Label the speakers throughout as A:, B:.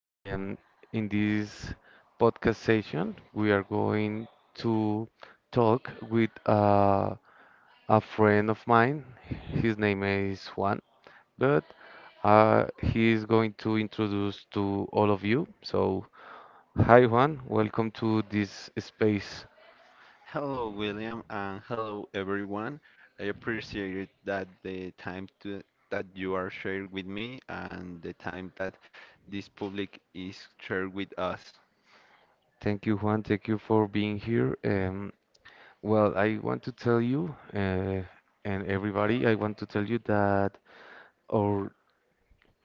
A: Um, in this podcast session, we are going to talk with a friend of mine. His name is Juan, but he is going to introduce to all of you. So, hi, Juan. Welcome to this space.
B: Hello, William, and hello, everyone. I appreciate that the time to, that you are shared with me and the time that this public is shared with us.
A: Thank you, Juan. Thank you for being here. Well, I want to tell you and everybody, I want to tell you that. Our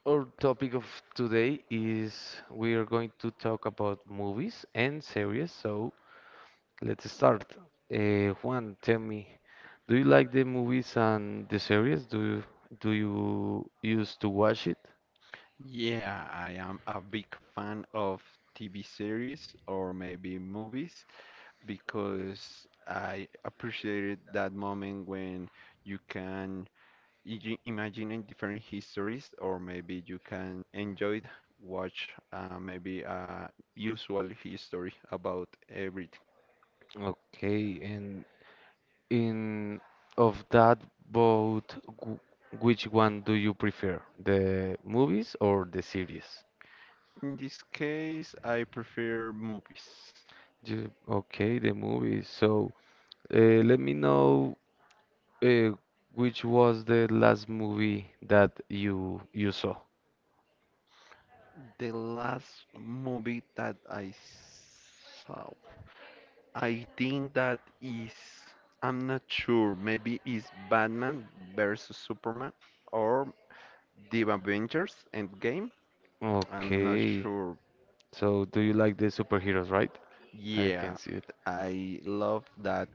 A: Our topic of today is we are going to talk about movies and series. So let's start. Juan, tell me, do you like the movies and the series? Do you used to watch it?
B: Yeah, I am a big fan of TV series or maybe movies because I appreciated that moment when you can imagining different histories, or maybe you can enjoy it, watch maybe a usual history about everything.
A: Okay, and in of that both, wh- which one do you prefer, the movies or the series?
B: In this case, I prefer movies.
A: Okay, the movies. So let me know. Uh, which was the last movie that you saw?
B: The last movie that I saw, I think that is, I'm not sure, maybe it's Batman versus Superman or The Avengers Endgame. I'm not
A: Okay.
B: sure.
A: So do you like the superheroes, right? I can
B: Yeah,
A: see it.
B: I love that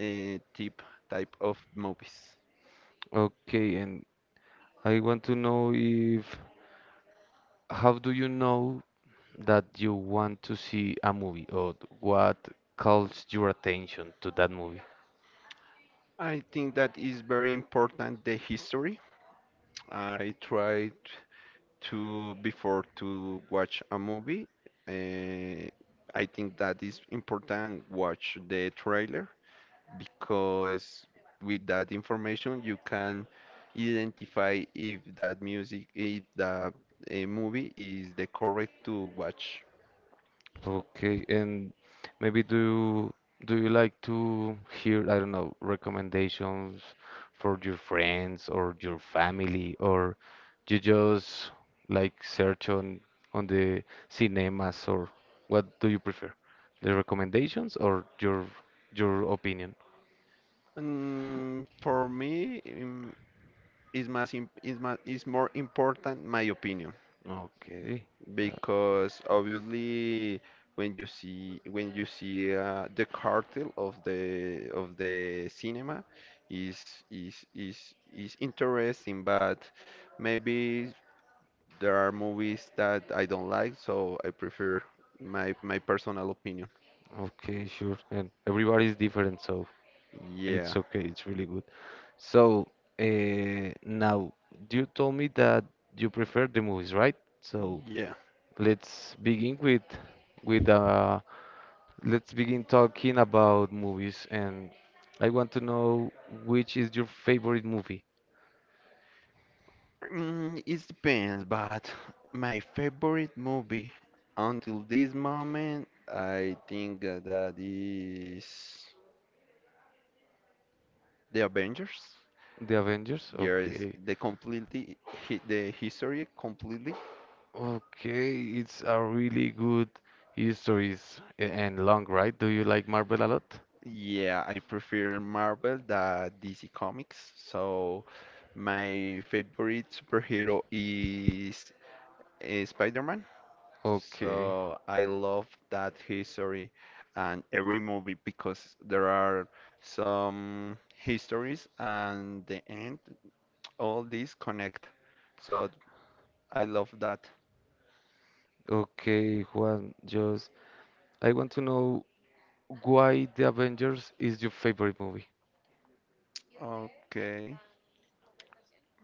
B: tip type of movies.
A: Okay, and I want to know if how do you know that you want to see a movie or what calls your attention to that movie?
B: I think that is very important, the history. I tried to before to watch a movie. Uh, I think that is important watch the trailer because with that information you can identify if that music, if that movie is the correct to watch.
A: Okay, and maybe do you like to hear, I don't know, recommendations for your friends or your family, or you just like search on the cinemas, or what do you prefer? The recommendations or your opinion?
B: For me, is mas im- is ma is more important my opinion
A: Okay, uh,
B: because obviously when you see the cartel of the cinema is interesting, but maybe there are movies that I don't like, so I prefer my personal opinion.
A: okay, sure. And everybody's different, so it's
B: Yeah,
A: okay. It's really good. So, now you told me that you prefer the movies, right? So
B: yeah.
A: let's begin with uh talking about movies, and I want to know, which is your favorite movie?
B: It depends, but my favorite movie until this moment, I think that is The Avengers.
A: The Avengers?
B: Yes,
A: Okay.
B: the completely the history completely.
A: Okay, it's a really good histories and long, right? Do you like Marvel a lot?
B: Yeah, I prefer Marvel than DC Comics. So my favorite superhero is Spider-Man.
A: Okay.
B: So I love that history and every movie because there are some histories and the end, all these connect. So I love that.
A: Okay, Juan, just I want to know why The Avengers is your favorite movie.
B: Okay.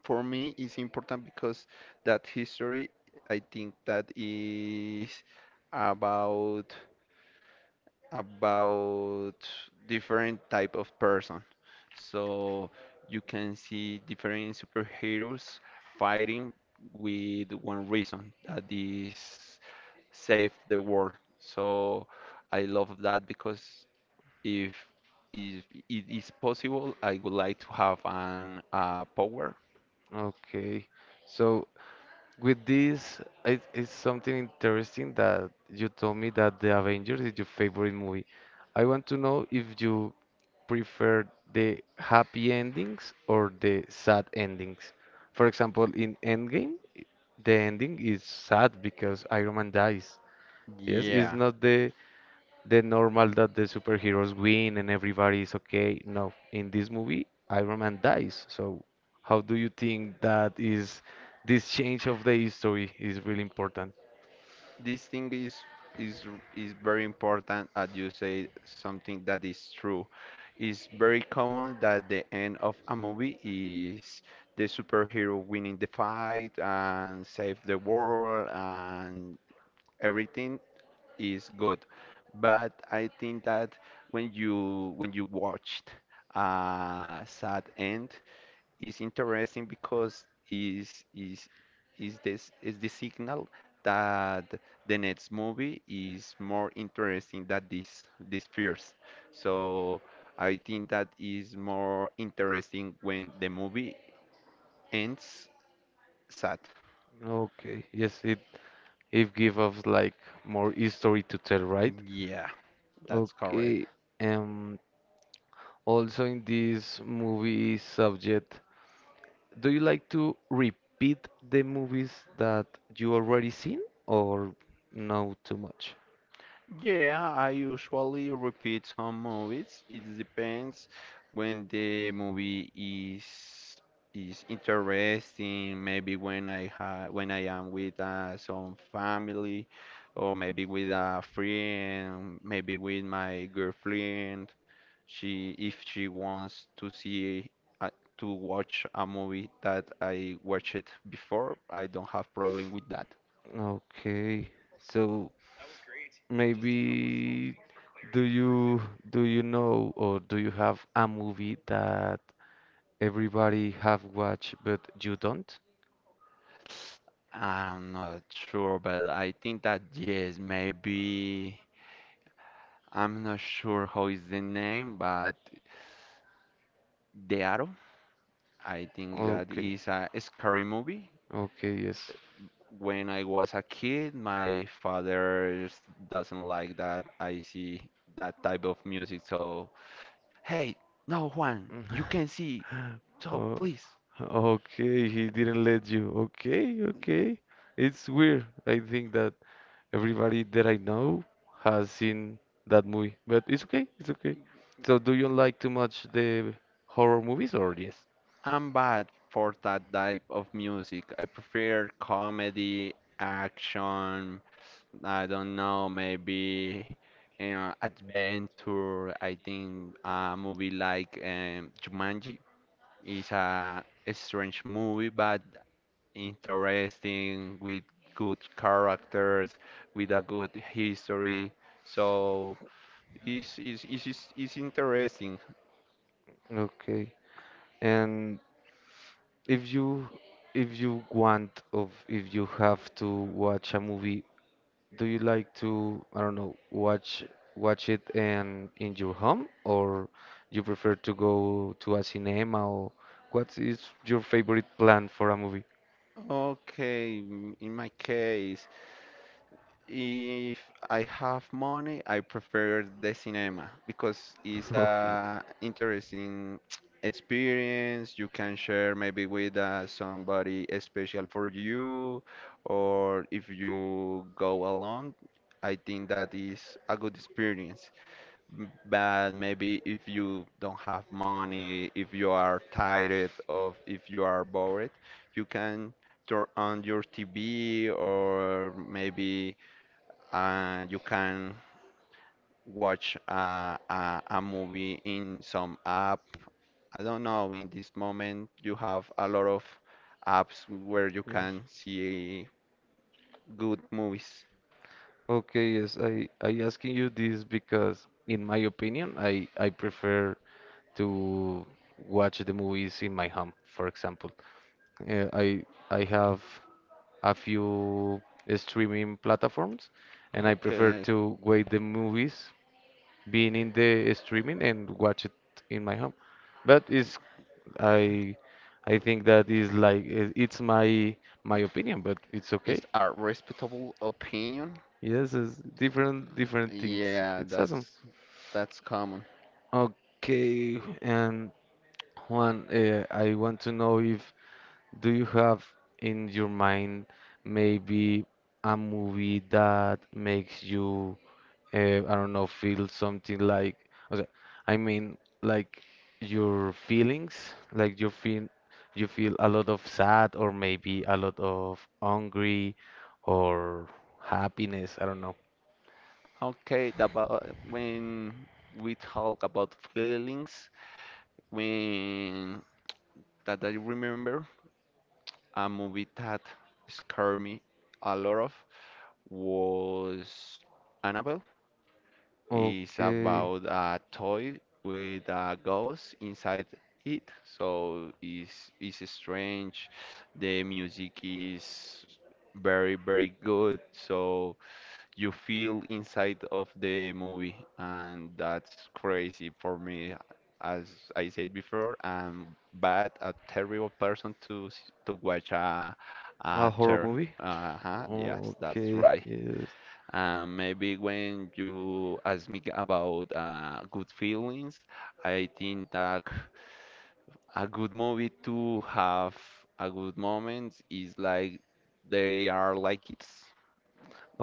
B: For me, it's important because that history, I think that is about. about different type of person. So you can see different superheroes fighting with one reason that is save the world. So I love that because if if it is possible, I would like to have an power.
A: Okay. So with this, it's something interesting that you told me that The Avengers is your favorite movie. I want to know if you prefer the happy endings or the sad endings. For example, in Endgame, the ending is sad because Iron Man dies. Yes, it's
B: Yeah.
A: not the normal that the superheroes win and everybody is okay. No, in this movie, Iron Man dies. So, how do you think that is this change of the history is really important?
B: This thing is is very important. As you say, something that is true, it's very common that the end of a movie is the superhero winning the fight and save the world and everything is good. But I think that when you watched a sad end, it's interesting because is this is the signal that the next movie is more interesting than this first. So I think that is more interesting when the movie ends sad.
A: Okay, yes, it gives us like more history to tell, right?
B: Yeah, that's correct.
A: Okay, um, also in this movie subject, do you like to repeat the movies that you already seen or no too much?
B: Yeah, I usually repeat some movies. It depends when the movie is interesting, maybe when I am with some family or maybe with a friend, maybe with my girlfriend. She, if she wants to see uh, to watch a movie that I watched before, I don't have problem with that.
A: Okay, so. Maybe do you do you know or do you have a movie that everybody have watched but you don't?
B: I'm not sure, but I think that yes, maybe I'm not sure how is the name, but The Arrow. I think that
A: Okay.
B: is a scary movie.
A: Okay, yes.
B: When I was a kid, my father doesn't like that I see that type of music. So, hey, no Juan, you can see. So
A: Oh,
B: please.
A: okay, he didn't let you. Okay, okay. It's weird. I think that everybody that I know has seen that movie, but it's okay, it's okay. So, do you like too much the horror movies or yes?
B: I'm bad for that type of music. I prefer comedy, action. I don't know, maybe adventure. I think a movie like Jumanji is a strange movie, but interesting with good characters, with a good history. So it's interesting.
A: Okay. And If you if you want of if you have to watch a movie, do you like to, I don't know, watch it in your home or you prefer to go to a cinema or what is your favorite plan for a movie?
B: Okay, in my case. If I have money, I prefer the cinema because it's
A: Okay.
B: a interesting experience. You can share maybe with somebody special for you, or if you go alone, I think that is a good experience. But maybe if you don't have money, if you are tired of, if you are bored, you can turn on your TV or maybe you can watch a movie in some app. I don't know. In this moment, you have a lot of apps where you
A: Yes.
B: can see good movies.
A: Okay, yes, I asking you this because in my opinion, I prefer to watch the movies in my home, for example. Uh, I I have a few streaming platforms, and I prefer
B: Okay.
A: to wait the movies being in the streaming and watch it in my home. But it's I I think that is like it's my opinion, but it's okay.
B: Is a respectable opinion?
A: Yes, it's different things.
B: Yeah,
A: It's awesome.
B: that's common.
A: Okay, and Juan, I want to know if do you have in your mind maybe a movie that makes you, uh, I don't know, feel something like, okay, I mean, like your feelings, like you feel a lot of sad or maybe a lot of hungry or happiness, I don't know.
B: Okay, the about when we talk about feelings, when that I remember a movie that scared me a lot of was Annabelle. It's
A: Okay.
B: about a toy with a ghost inside it. So it's strange. The music is very, very good. So you feel inside of the movie, and that's crazy for me. As I said before, I'm bad, a terrible person to to watch a
A: A
B: a
A: horror
B: ter.
A: movie?
B: Uh-huh, yes, that's
A: Okay,
B: right.
A: yes.
B: Maybe when you ask me about good feelings, I think that a good movie to have a good moment is like they are like kids.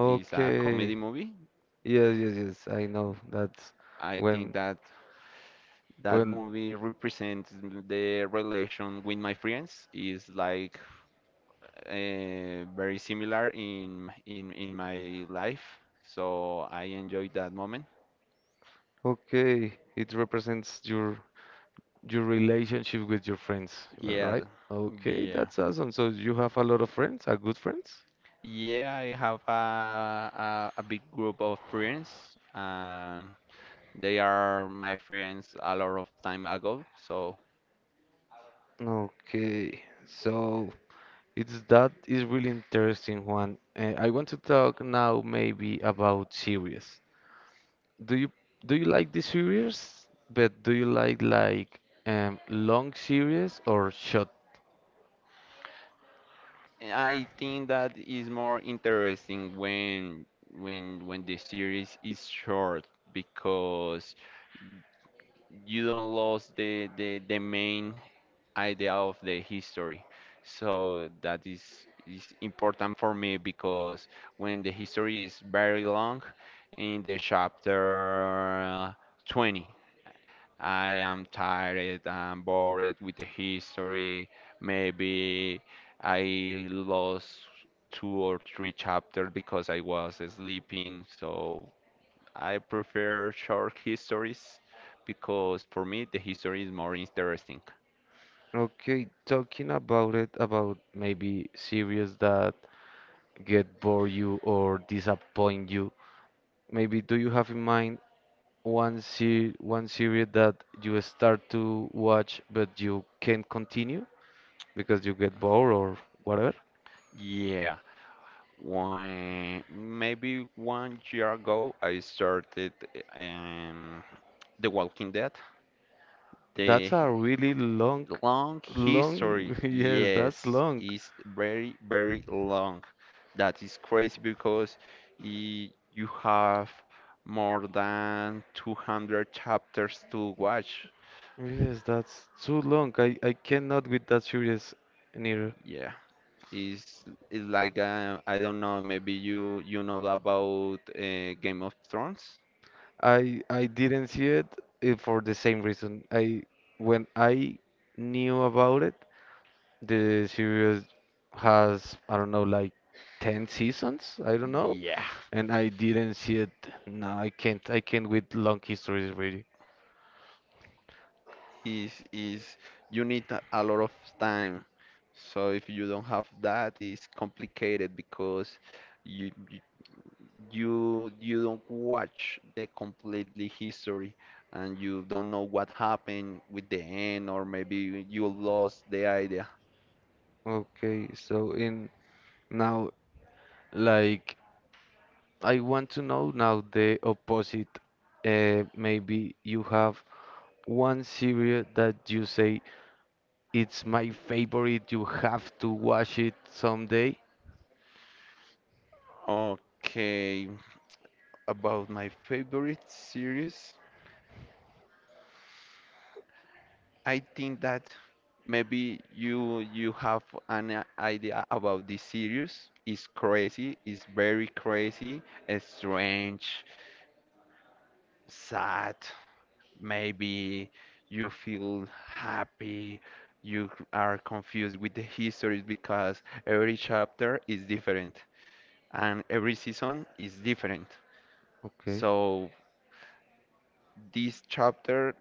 B: It's a comedy movie.
A: Yes, yes, yes. I know. That's
B: I think
A: when.
B: that that
A: Well,
B: movie represents the relation with my friends. Is like very similar in my life. So I enjoyed that moment.
A: okay, it represents your relationship with your friends, well,
B: Yeah,
A: right? Okay,
B: yeah,
A: that's awesome. So you have a lot of friends, are good friends?
B: yeah. I have a big group of friends, and they are my friends a lot of time ago. So
A: Okay, so it's that is really interesting one. I want to talk now maybe about series. Do you do you like the series? But do you like long series or short?
B: I think that is more interesting when the series is short because you don't lose the main idea of the history. So that is important for me because when the history is very long, in the chapter 20, I am tired, I'm bored with the history. Maybe I lost two or three chapters because I was sleeping. So I prefer short histories because for me the history is more interesting.
A: Okay, talking about it about maybe series that get bore you or disappoint you. Maybe do you have in mind one series that you start to watch but you can't continue because you get bored or whatever?
B: Yeah, when maybe 1 year ago I started um, The Walking Dead.
A: That's
B: The
A: a really long,
B: long
A: long.
B: history,
A: Yes, that's
B: yes,
A: long.
B: is very very long. That is crazy because you have more than 200 chapters to watch.
A: Yes, that's too long. I cannot with that series neither.
B: Yeah. Is like I don't know. Maybe you know about Game of Thrones.
A: I didn't see it for the same reason. I when I knew about it, the series has, I don't know, like 10 seasons, I don't know,
B: Yeah,
A: and I didn't see it. No, I can't. I can't with long histories really.
B: is you need a lot of time. So if you don't have that, it's complicated because you you you don't watch the completely history and you don't know what happened with the end or maybe you lost the idea.
A: Okay, so in now, like, I want to know now the opposite. Maybe you have one series that you say it's my favorite, you have to watch it someday.
B: Okay, about my favorite series. I think that maybe you have an idea about this series. It's crazy. It's very crazy, strange, sad. Maybe you feel happy. You are confused with the histories because every chapter is different and every season is different.
A: Okay.
B: So this chapter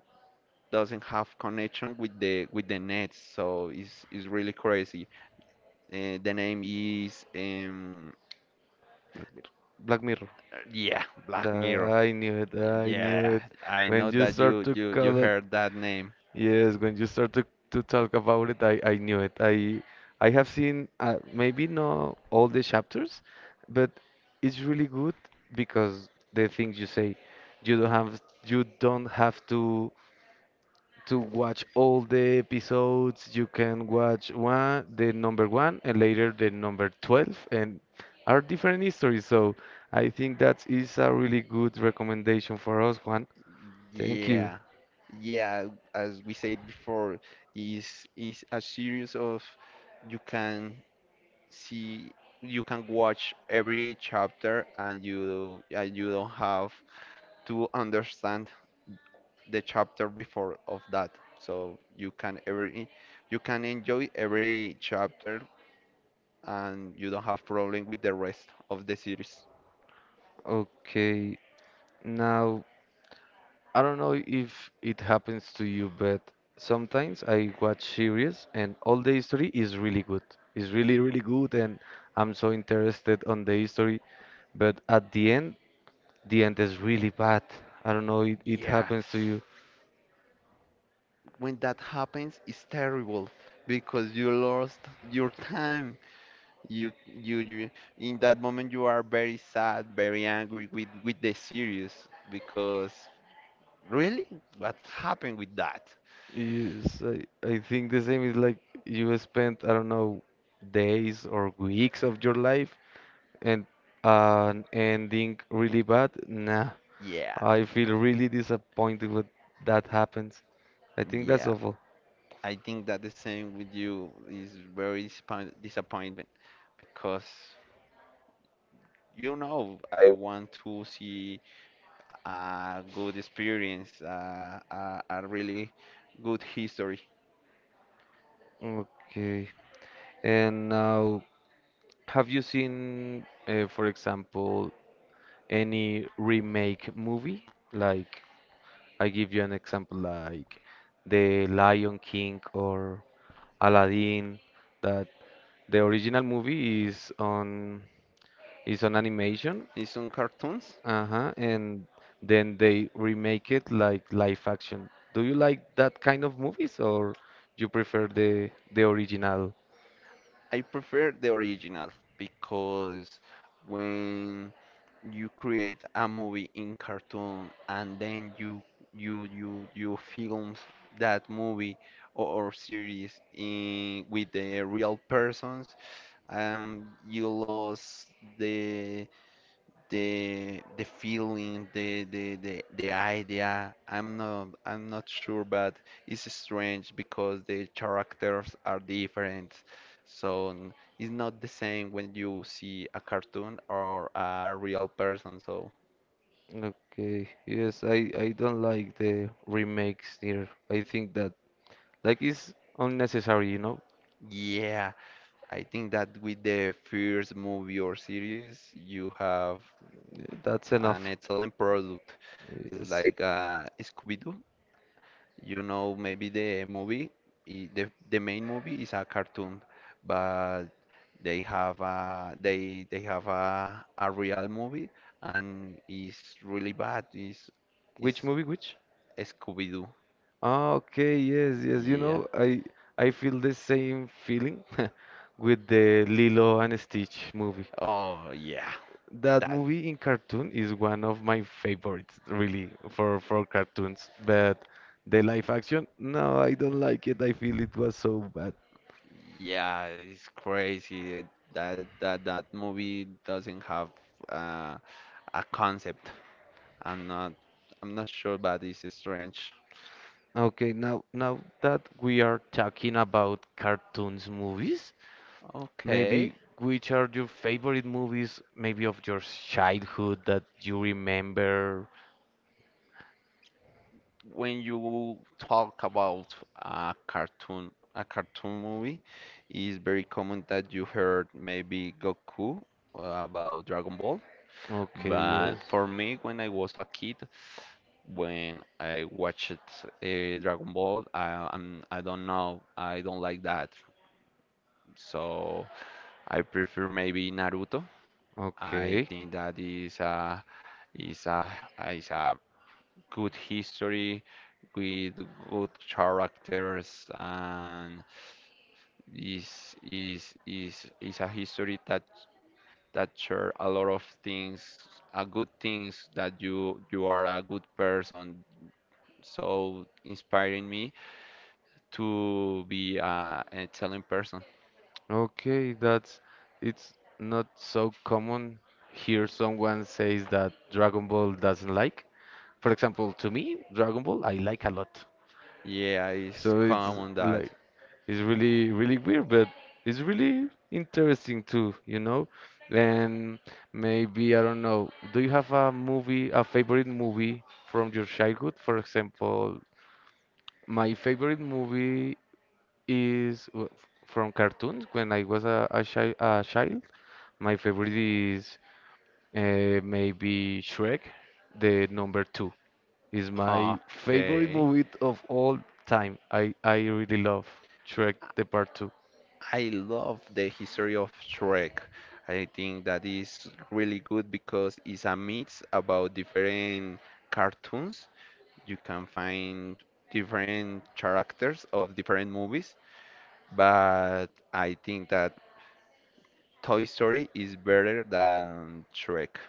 B: doesn't have connection with the next. So it's really crazy. The name is
A: Black Mirror.
B: yeah, Black
A: That
B: Mirror.
A: I knew it. I knew
B: Yeah,
A: it.
B: I
A: When
B: know
A: you
B: that
A: start to
B: you
A: call it,
B: heard that name.
A: yes, when you start to talk about it, I knew it. I have seen maybe not all the chapters, but it's really good because the things you say, you don't have to watch all the episodes. You can watch one, the number one, and later the number 12, and are different histories. So I think that is a really good recommendation for us, Juan. Thank you.
B: Yeah, yeah. As we said before, is is a series of you can see you can watch every chapter and you don't have to understand the chapter before of that. So you can every you can enjoy every chapter and you don't have problem with the rest of the series.
A: Okay, now I don't know if it happens to you, but sometimes I watch series and all the history is really good. It's really, really good, and I'm so interested on the history. But at the end is really bad. I don't know, it
B: Yeah,
A: happens to you.
B: when that happens, it's terrible because you lost your time. You, you, you, in that moment, you are very sad, very angry with the series because really, what happened with that?
A: Yes, I think the same is like you spent, I don't know, days or weeks of your life and an ending really bad. Nah,
B: Yeah.
A: I feel really disappointed when that happens. I think that's
B: Yeah,
A: awful.
B: I think that the same with you is very disappointment because you know I want to see a good experience, a really good history.
A: Okay. And now, have you seen, for example, any remake movie? Like I give you an example like The Lion King or Aladdin, that the original movie is on animation,
B: In some cartoons,
A: uh-huh, and then they remake it like live action. Do you like that kind of movies or you prefer the original?
B: I prefer the original because when you create a movie in cartoon and then you film that movie or series in with the real persons, you lost the the feeling, the idea. I'm not sure, but it's strange because the characters are different. So it's not the same when you see a cartoon or a real person. So
A: Okay, yes, I don't like the remakes here. I think that like it's unnecessary, you know?
B: yeah, I think that with the first movie or series, you have
A: That's
B: an
A: enough.
B: excellent product. It's
A: Yes.
B: like Scooby-Doo. You know, maybe the movie, the main movie is a cartoon, but they have a real movie and it's really bad.
A: Which
B: It's
A: movie? Which?
B: Scooby-Doo.
A: Ah, okay, yes, yes. You
B: Yeah.
A: know, I feel the same feeling with the Lilo and Stitch movie.
B: Oh yeah.
A: That
B: That
A: movie in cartoon is one of my favorites, really, for cartoons. But the live action, no, I don't like it. I feel it was so bad.
B: yeah, it's crazy. That movie doesn't have uh, a concept. I'm not I'm not sure, but it's strange.
A: Okay, now that we are talking about cartoons movies,
B: Okay.
A: maybe which are your favorite movies, maybe of your childhood that you remember?
B: When you talk about a cartoon movie, it's very common that you heard maybe Goku about Dragon Ball.
A: Okay,
B: But
A: yes.
B: for me, when I was a kid, when I watched a Dragon Ball, I don't know, I don't like that. So I prefer maybe Naruto. I
A: Okay.
B: think that is a is a good history, with good characters, and is a history that share a lot of things, a good things that you are a good person. So inspiring me to be a an excellent person.
A: Okay, that's it's not so common hear someone says that Dragon Ball doesn't like. For example, to me, Dragon Ball I like a lot.
B: Yeah, it's
A: So it's
B: common that.
A: like it's really really weird, but it's really interesting too, you know? And maybe I don't know. Do you have a movie, a favorite movie from your childhood? For example, my favorite movie is from cartoons. When I was a child, my favorite is maybe Shrek, the number two. Is my favorite
B: Okay.
A: movie of all time. I really love Shrek, the part two.
B: I love the history of Shrek. I think that is really good because it's a mix about different cartoons. You can find different characters of different movies, but I think that Toy Story is better than Shrek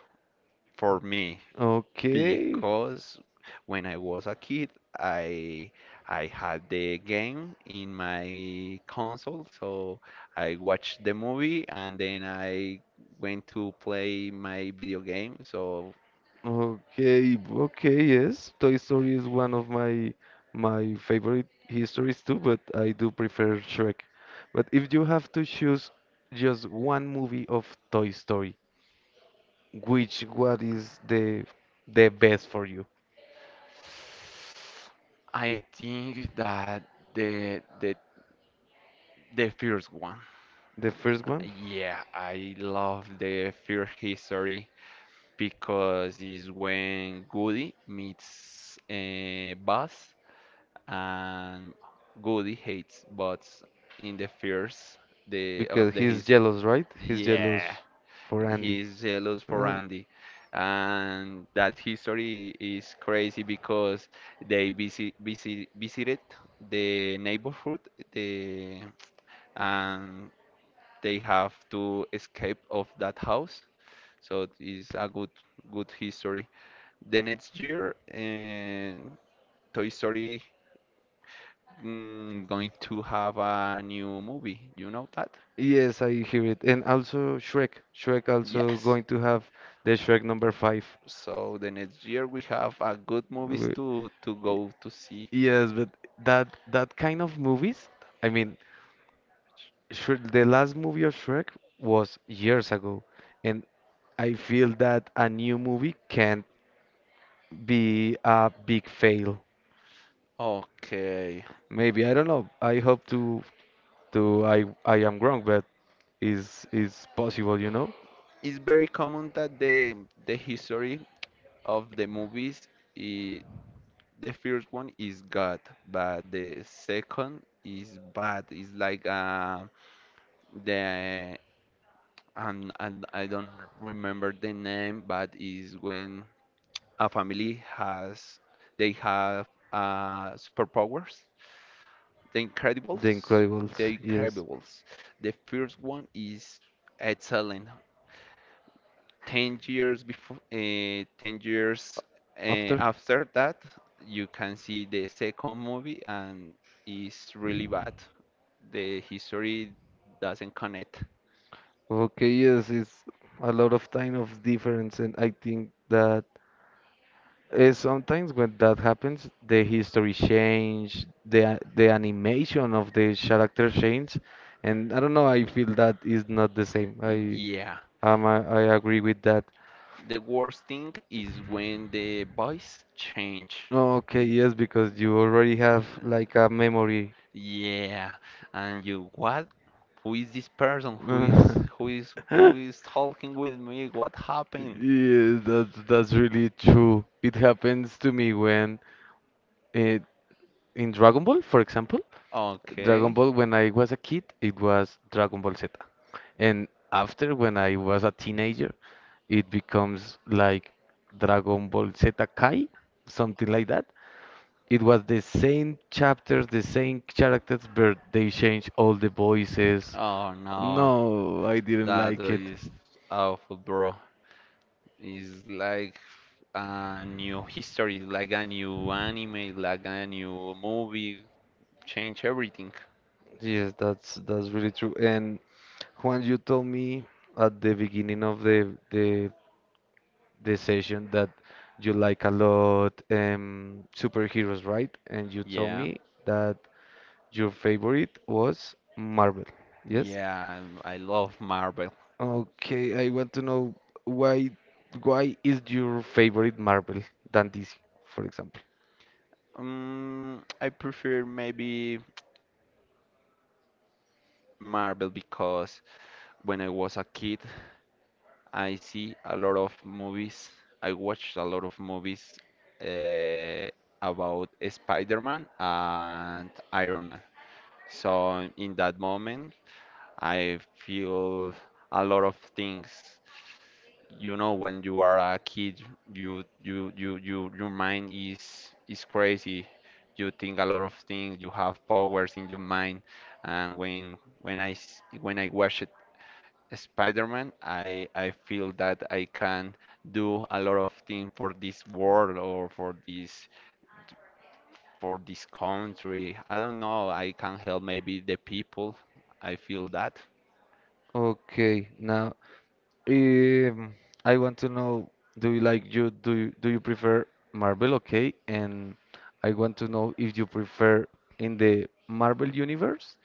B: for me
A: Okay,
B: because when I was a kid, I I had the game in my console, so I watched the movie and then I went to play my video game. So
A: okay, okay, yes. Toy Story is one of my favorite histories too, but I do prefer Shrek. But if you have to choose just one movie of Toy Story, Which what is the best for you?
B: I think that the the the first one.
A: The first one?
B: Yeah, I love the first history because it's when Goody meets Buzz and Goody hates bots in the first the of
A: Because
B: the
A: he's
B: his
A: jealous, right? He's jealous
B: Yeah,
A: for Andy.
B: he's jealous for
A: Uh,
B: Andy, and that history is crazy because they visited the neighborhood the and they have to escape of that house, so it's a good history. The next year, Toy Story, going to have a new movie. You know that?
A: yes, I hear it. And also Shrek. Shrek also
B: Yes.
A: going to have the Shrek number five.
B: So the next year we have a good movies
A: W-
B: to
A: y-
B: go to see.
A: Yes, but that kind of movies, I mean, Shrek, the last movie of Shrek was years ago, and I feel that a new movie can't be a big fail.
B: Okay.
A: Maybe, I don't know. I hope to I am wrong, but is possible, you know?
B: It's very common that the history of the movies I the first one is God, but the second is bad. It's like the and I don't remember the name, but is when a family has they have superpowers. The
A: The
B: Incredibles,
A: Incredibles,
B: The
A: yes.
B: Incredibles. The first one is excellent. 10 years before, 10 years
A: After.
B: after that, you can see the second movie, and it's really bad. The history doesn't connect.
A: Okay, yes, it's a lot of time of difference, and I think that sometimes when that happens, the history change, the animation of the character change, and I don't know, I feel that is not the same. I
B: Yeah.
A: um, I, I agree with that.
B: The worst thing is when the voice change.
A: Okay, yes, because you already have like
B: Uh,
A: a memory.
B: Yeah, and you, what? Who is this person? Who is who is talking with me? What happened?
A: Yeah, that's really true. It happens to me when it, in Dragon Ball, for example, Dragon
B: Okay.
A: Ball when I was a kid, it was Dragon Ball Z. And after when I was a teenager, it becomes like Dragon Ball Z Kai, something like that. It was the same chapters, the same characters, but they changed all the voices.
B: Oh
A: No,
B: no,
A: I didn't
B: that
A: like it.
B: is awful, bro. It's like a new history, like a new anime, like a new movie. Change everything.
A: Yes, that's really true. And Juan, you told me at the beginning of the session that you like a lot superheroes, right? And you told
B: Yeah,
A: me that your favorite was Marvel. Yes?
B: yeah, I love Marvel.
A: Okay, I want to know why why is your favorite Marvel than DC, for example?
B: I prefer maybe Marvel because when I was a kid, I see a lot of movies. I watched a lot of movies uh, about Spider-Man and Iron Man. So in that moment, I feel a lot of things. You know, when you are a kid, you your mind is crazy. You think a lot of things. You have powers in your mind. And when I watched Spider-Man, I feel that I can do a lot of things for this world or for this country. I don't know. I can help maybe the people. I feel that.
A: Okay, now Um, I want to know, do you like you do you, do you prefer Marvel? Okay, and I want to know if you prefer in the Marvel universe,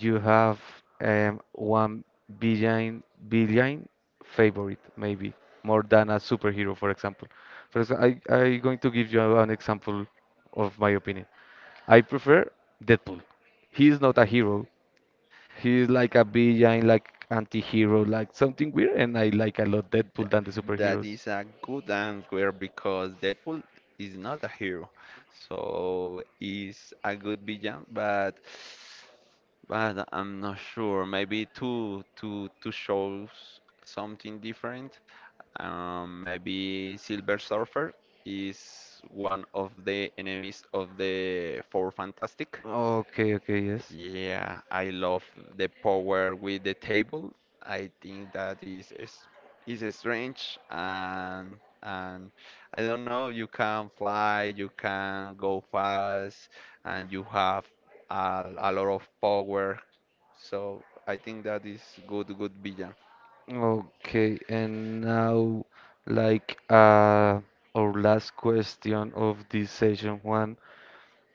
A: you have one villain villain favorite maybe more than a superhero, for example. For example, I going to give you an example of my opinion. I prefer Deadpool. He is not a hero. He's like a villain, like anti-hero, like something weird, and I like a lot
B: Th-
A: Deadpool than the
B: That
A: superheroes.
B: is a good answer because Deadpool is not a hero, so he's a good villain, but I'm not sure. Maybe to show something different. Maybe Silver Surfer is one of the enemies of the Four Fantastic.
A: Okay, okay, yes.
B: Yeah, I love the power with the table. I think that is strange, and I don't know, you can fly, you can go fast, and you have a lot of power. So I think that is good good villain.
A: Okay, and now like our last question of this session, Juan.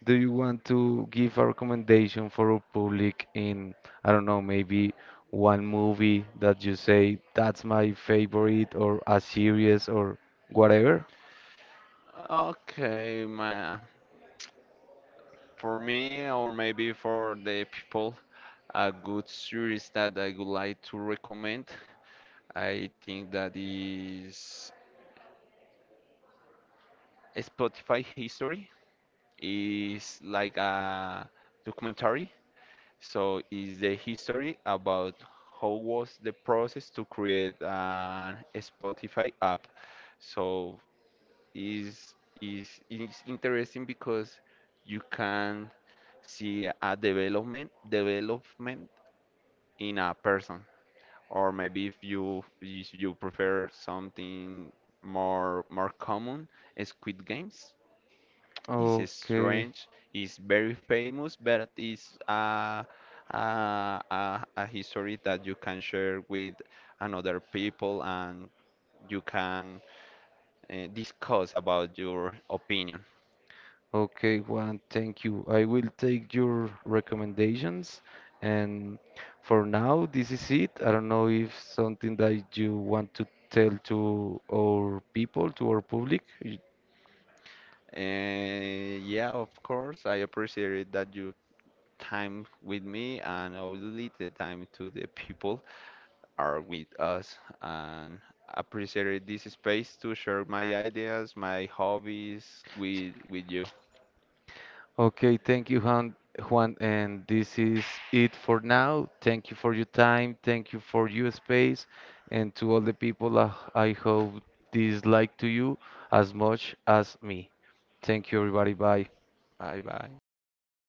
A: Do you want to give a recommendation for our public in, I don't know, maybe one movie that you say that's my favorite or a series or whatever?
B: Okay, my— For me, or maybe for the people, a good series that I would like to recommend, I think that is Spotify History. Is like a documentary, so is the history about how was the process to create an Spotify app. So is interesting because you can see a development in a person, or maybe if you prefer something more common, Squid Games is
A: Okay.
B: strange, is very famous, but it's a, a history that you can share with another people, and you can discuss about your opinion.
A: Okay, Juan, thank you. I will take your recommendations. And for now, this is it. I don't know if something that you want to tell to our people, to our public.
B: And yeah, of course, I appreciate that you time with me, and obviously the time to the people are with us, and appreciate this space to share my ideas, my hobbies with you.
A: Okay, thank you, Juan. Juan, and this is it for now. Thank you for your time. Thank you for your space. And to all the people, I hope this like to you as much as me. Thank you, everybody. Bye.
B: Bye bye.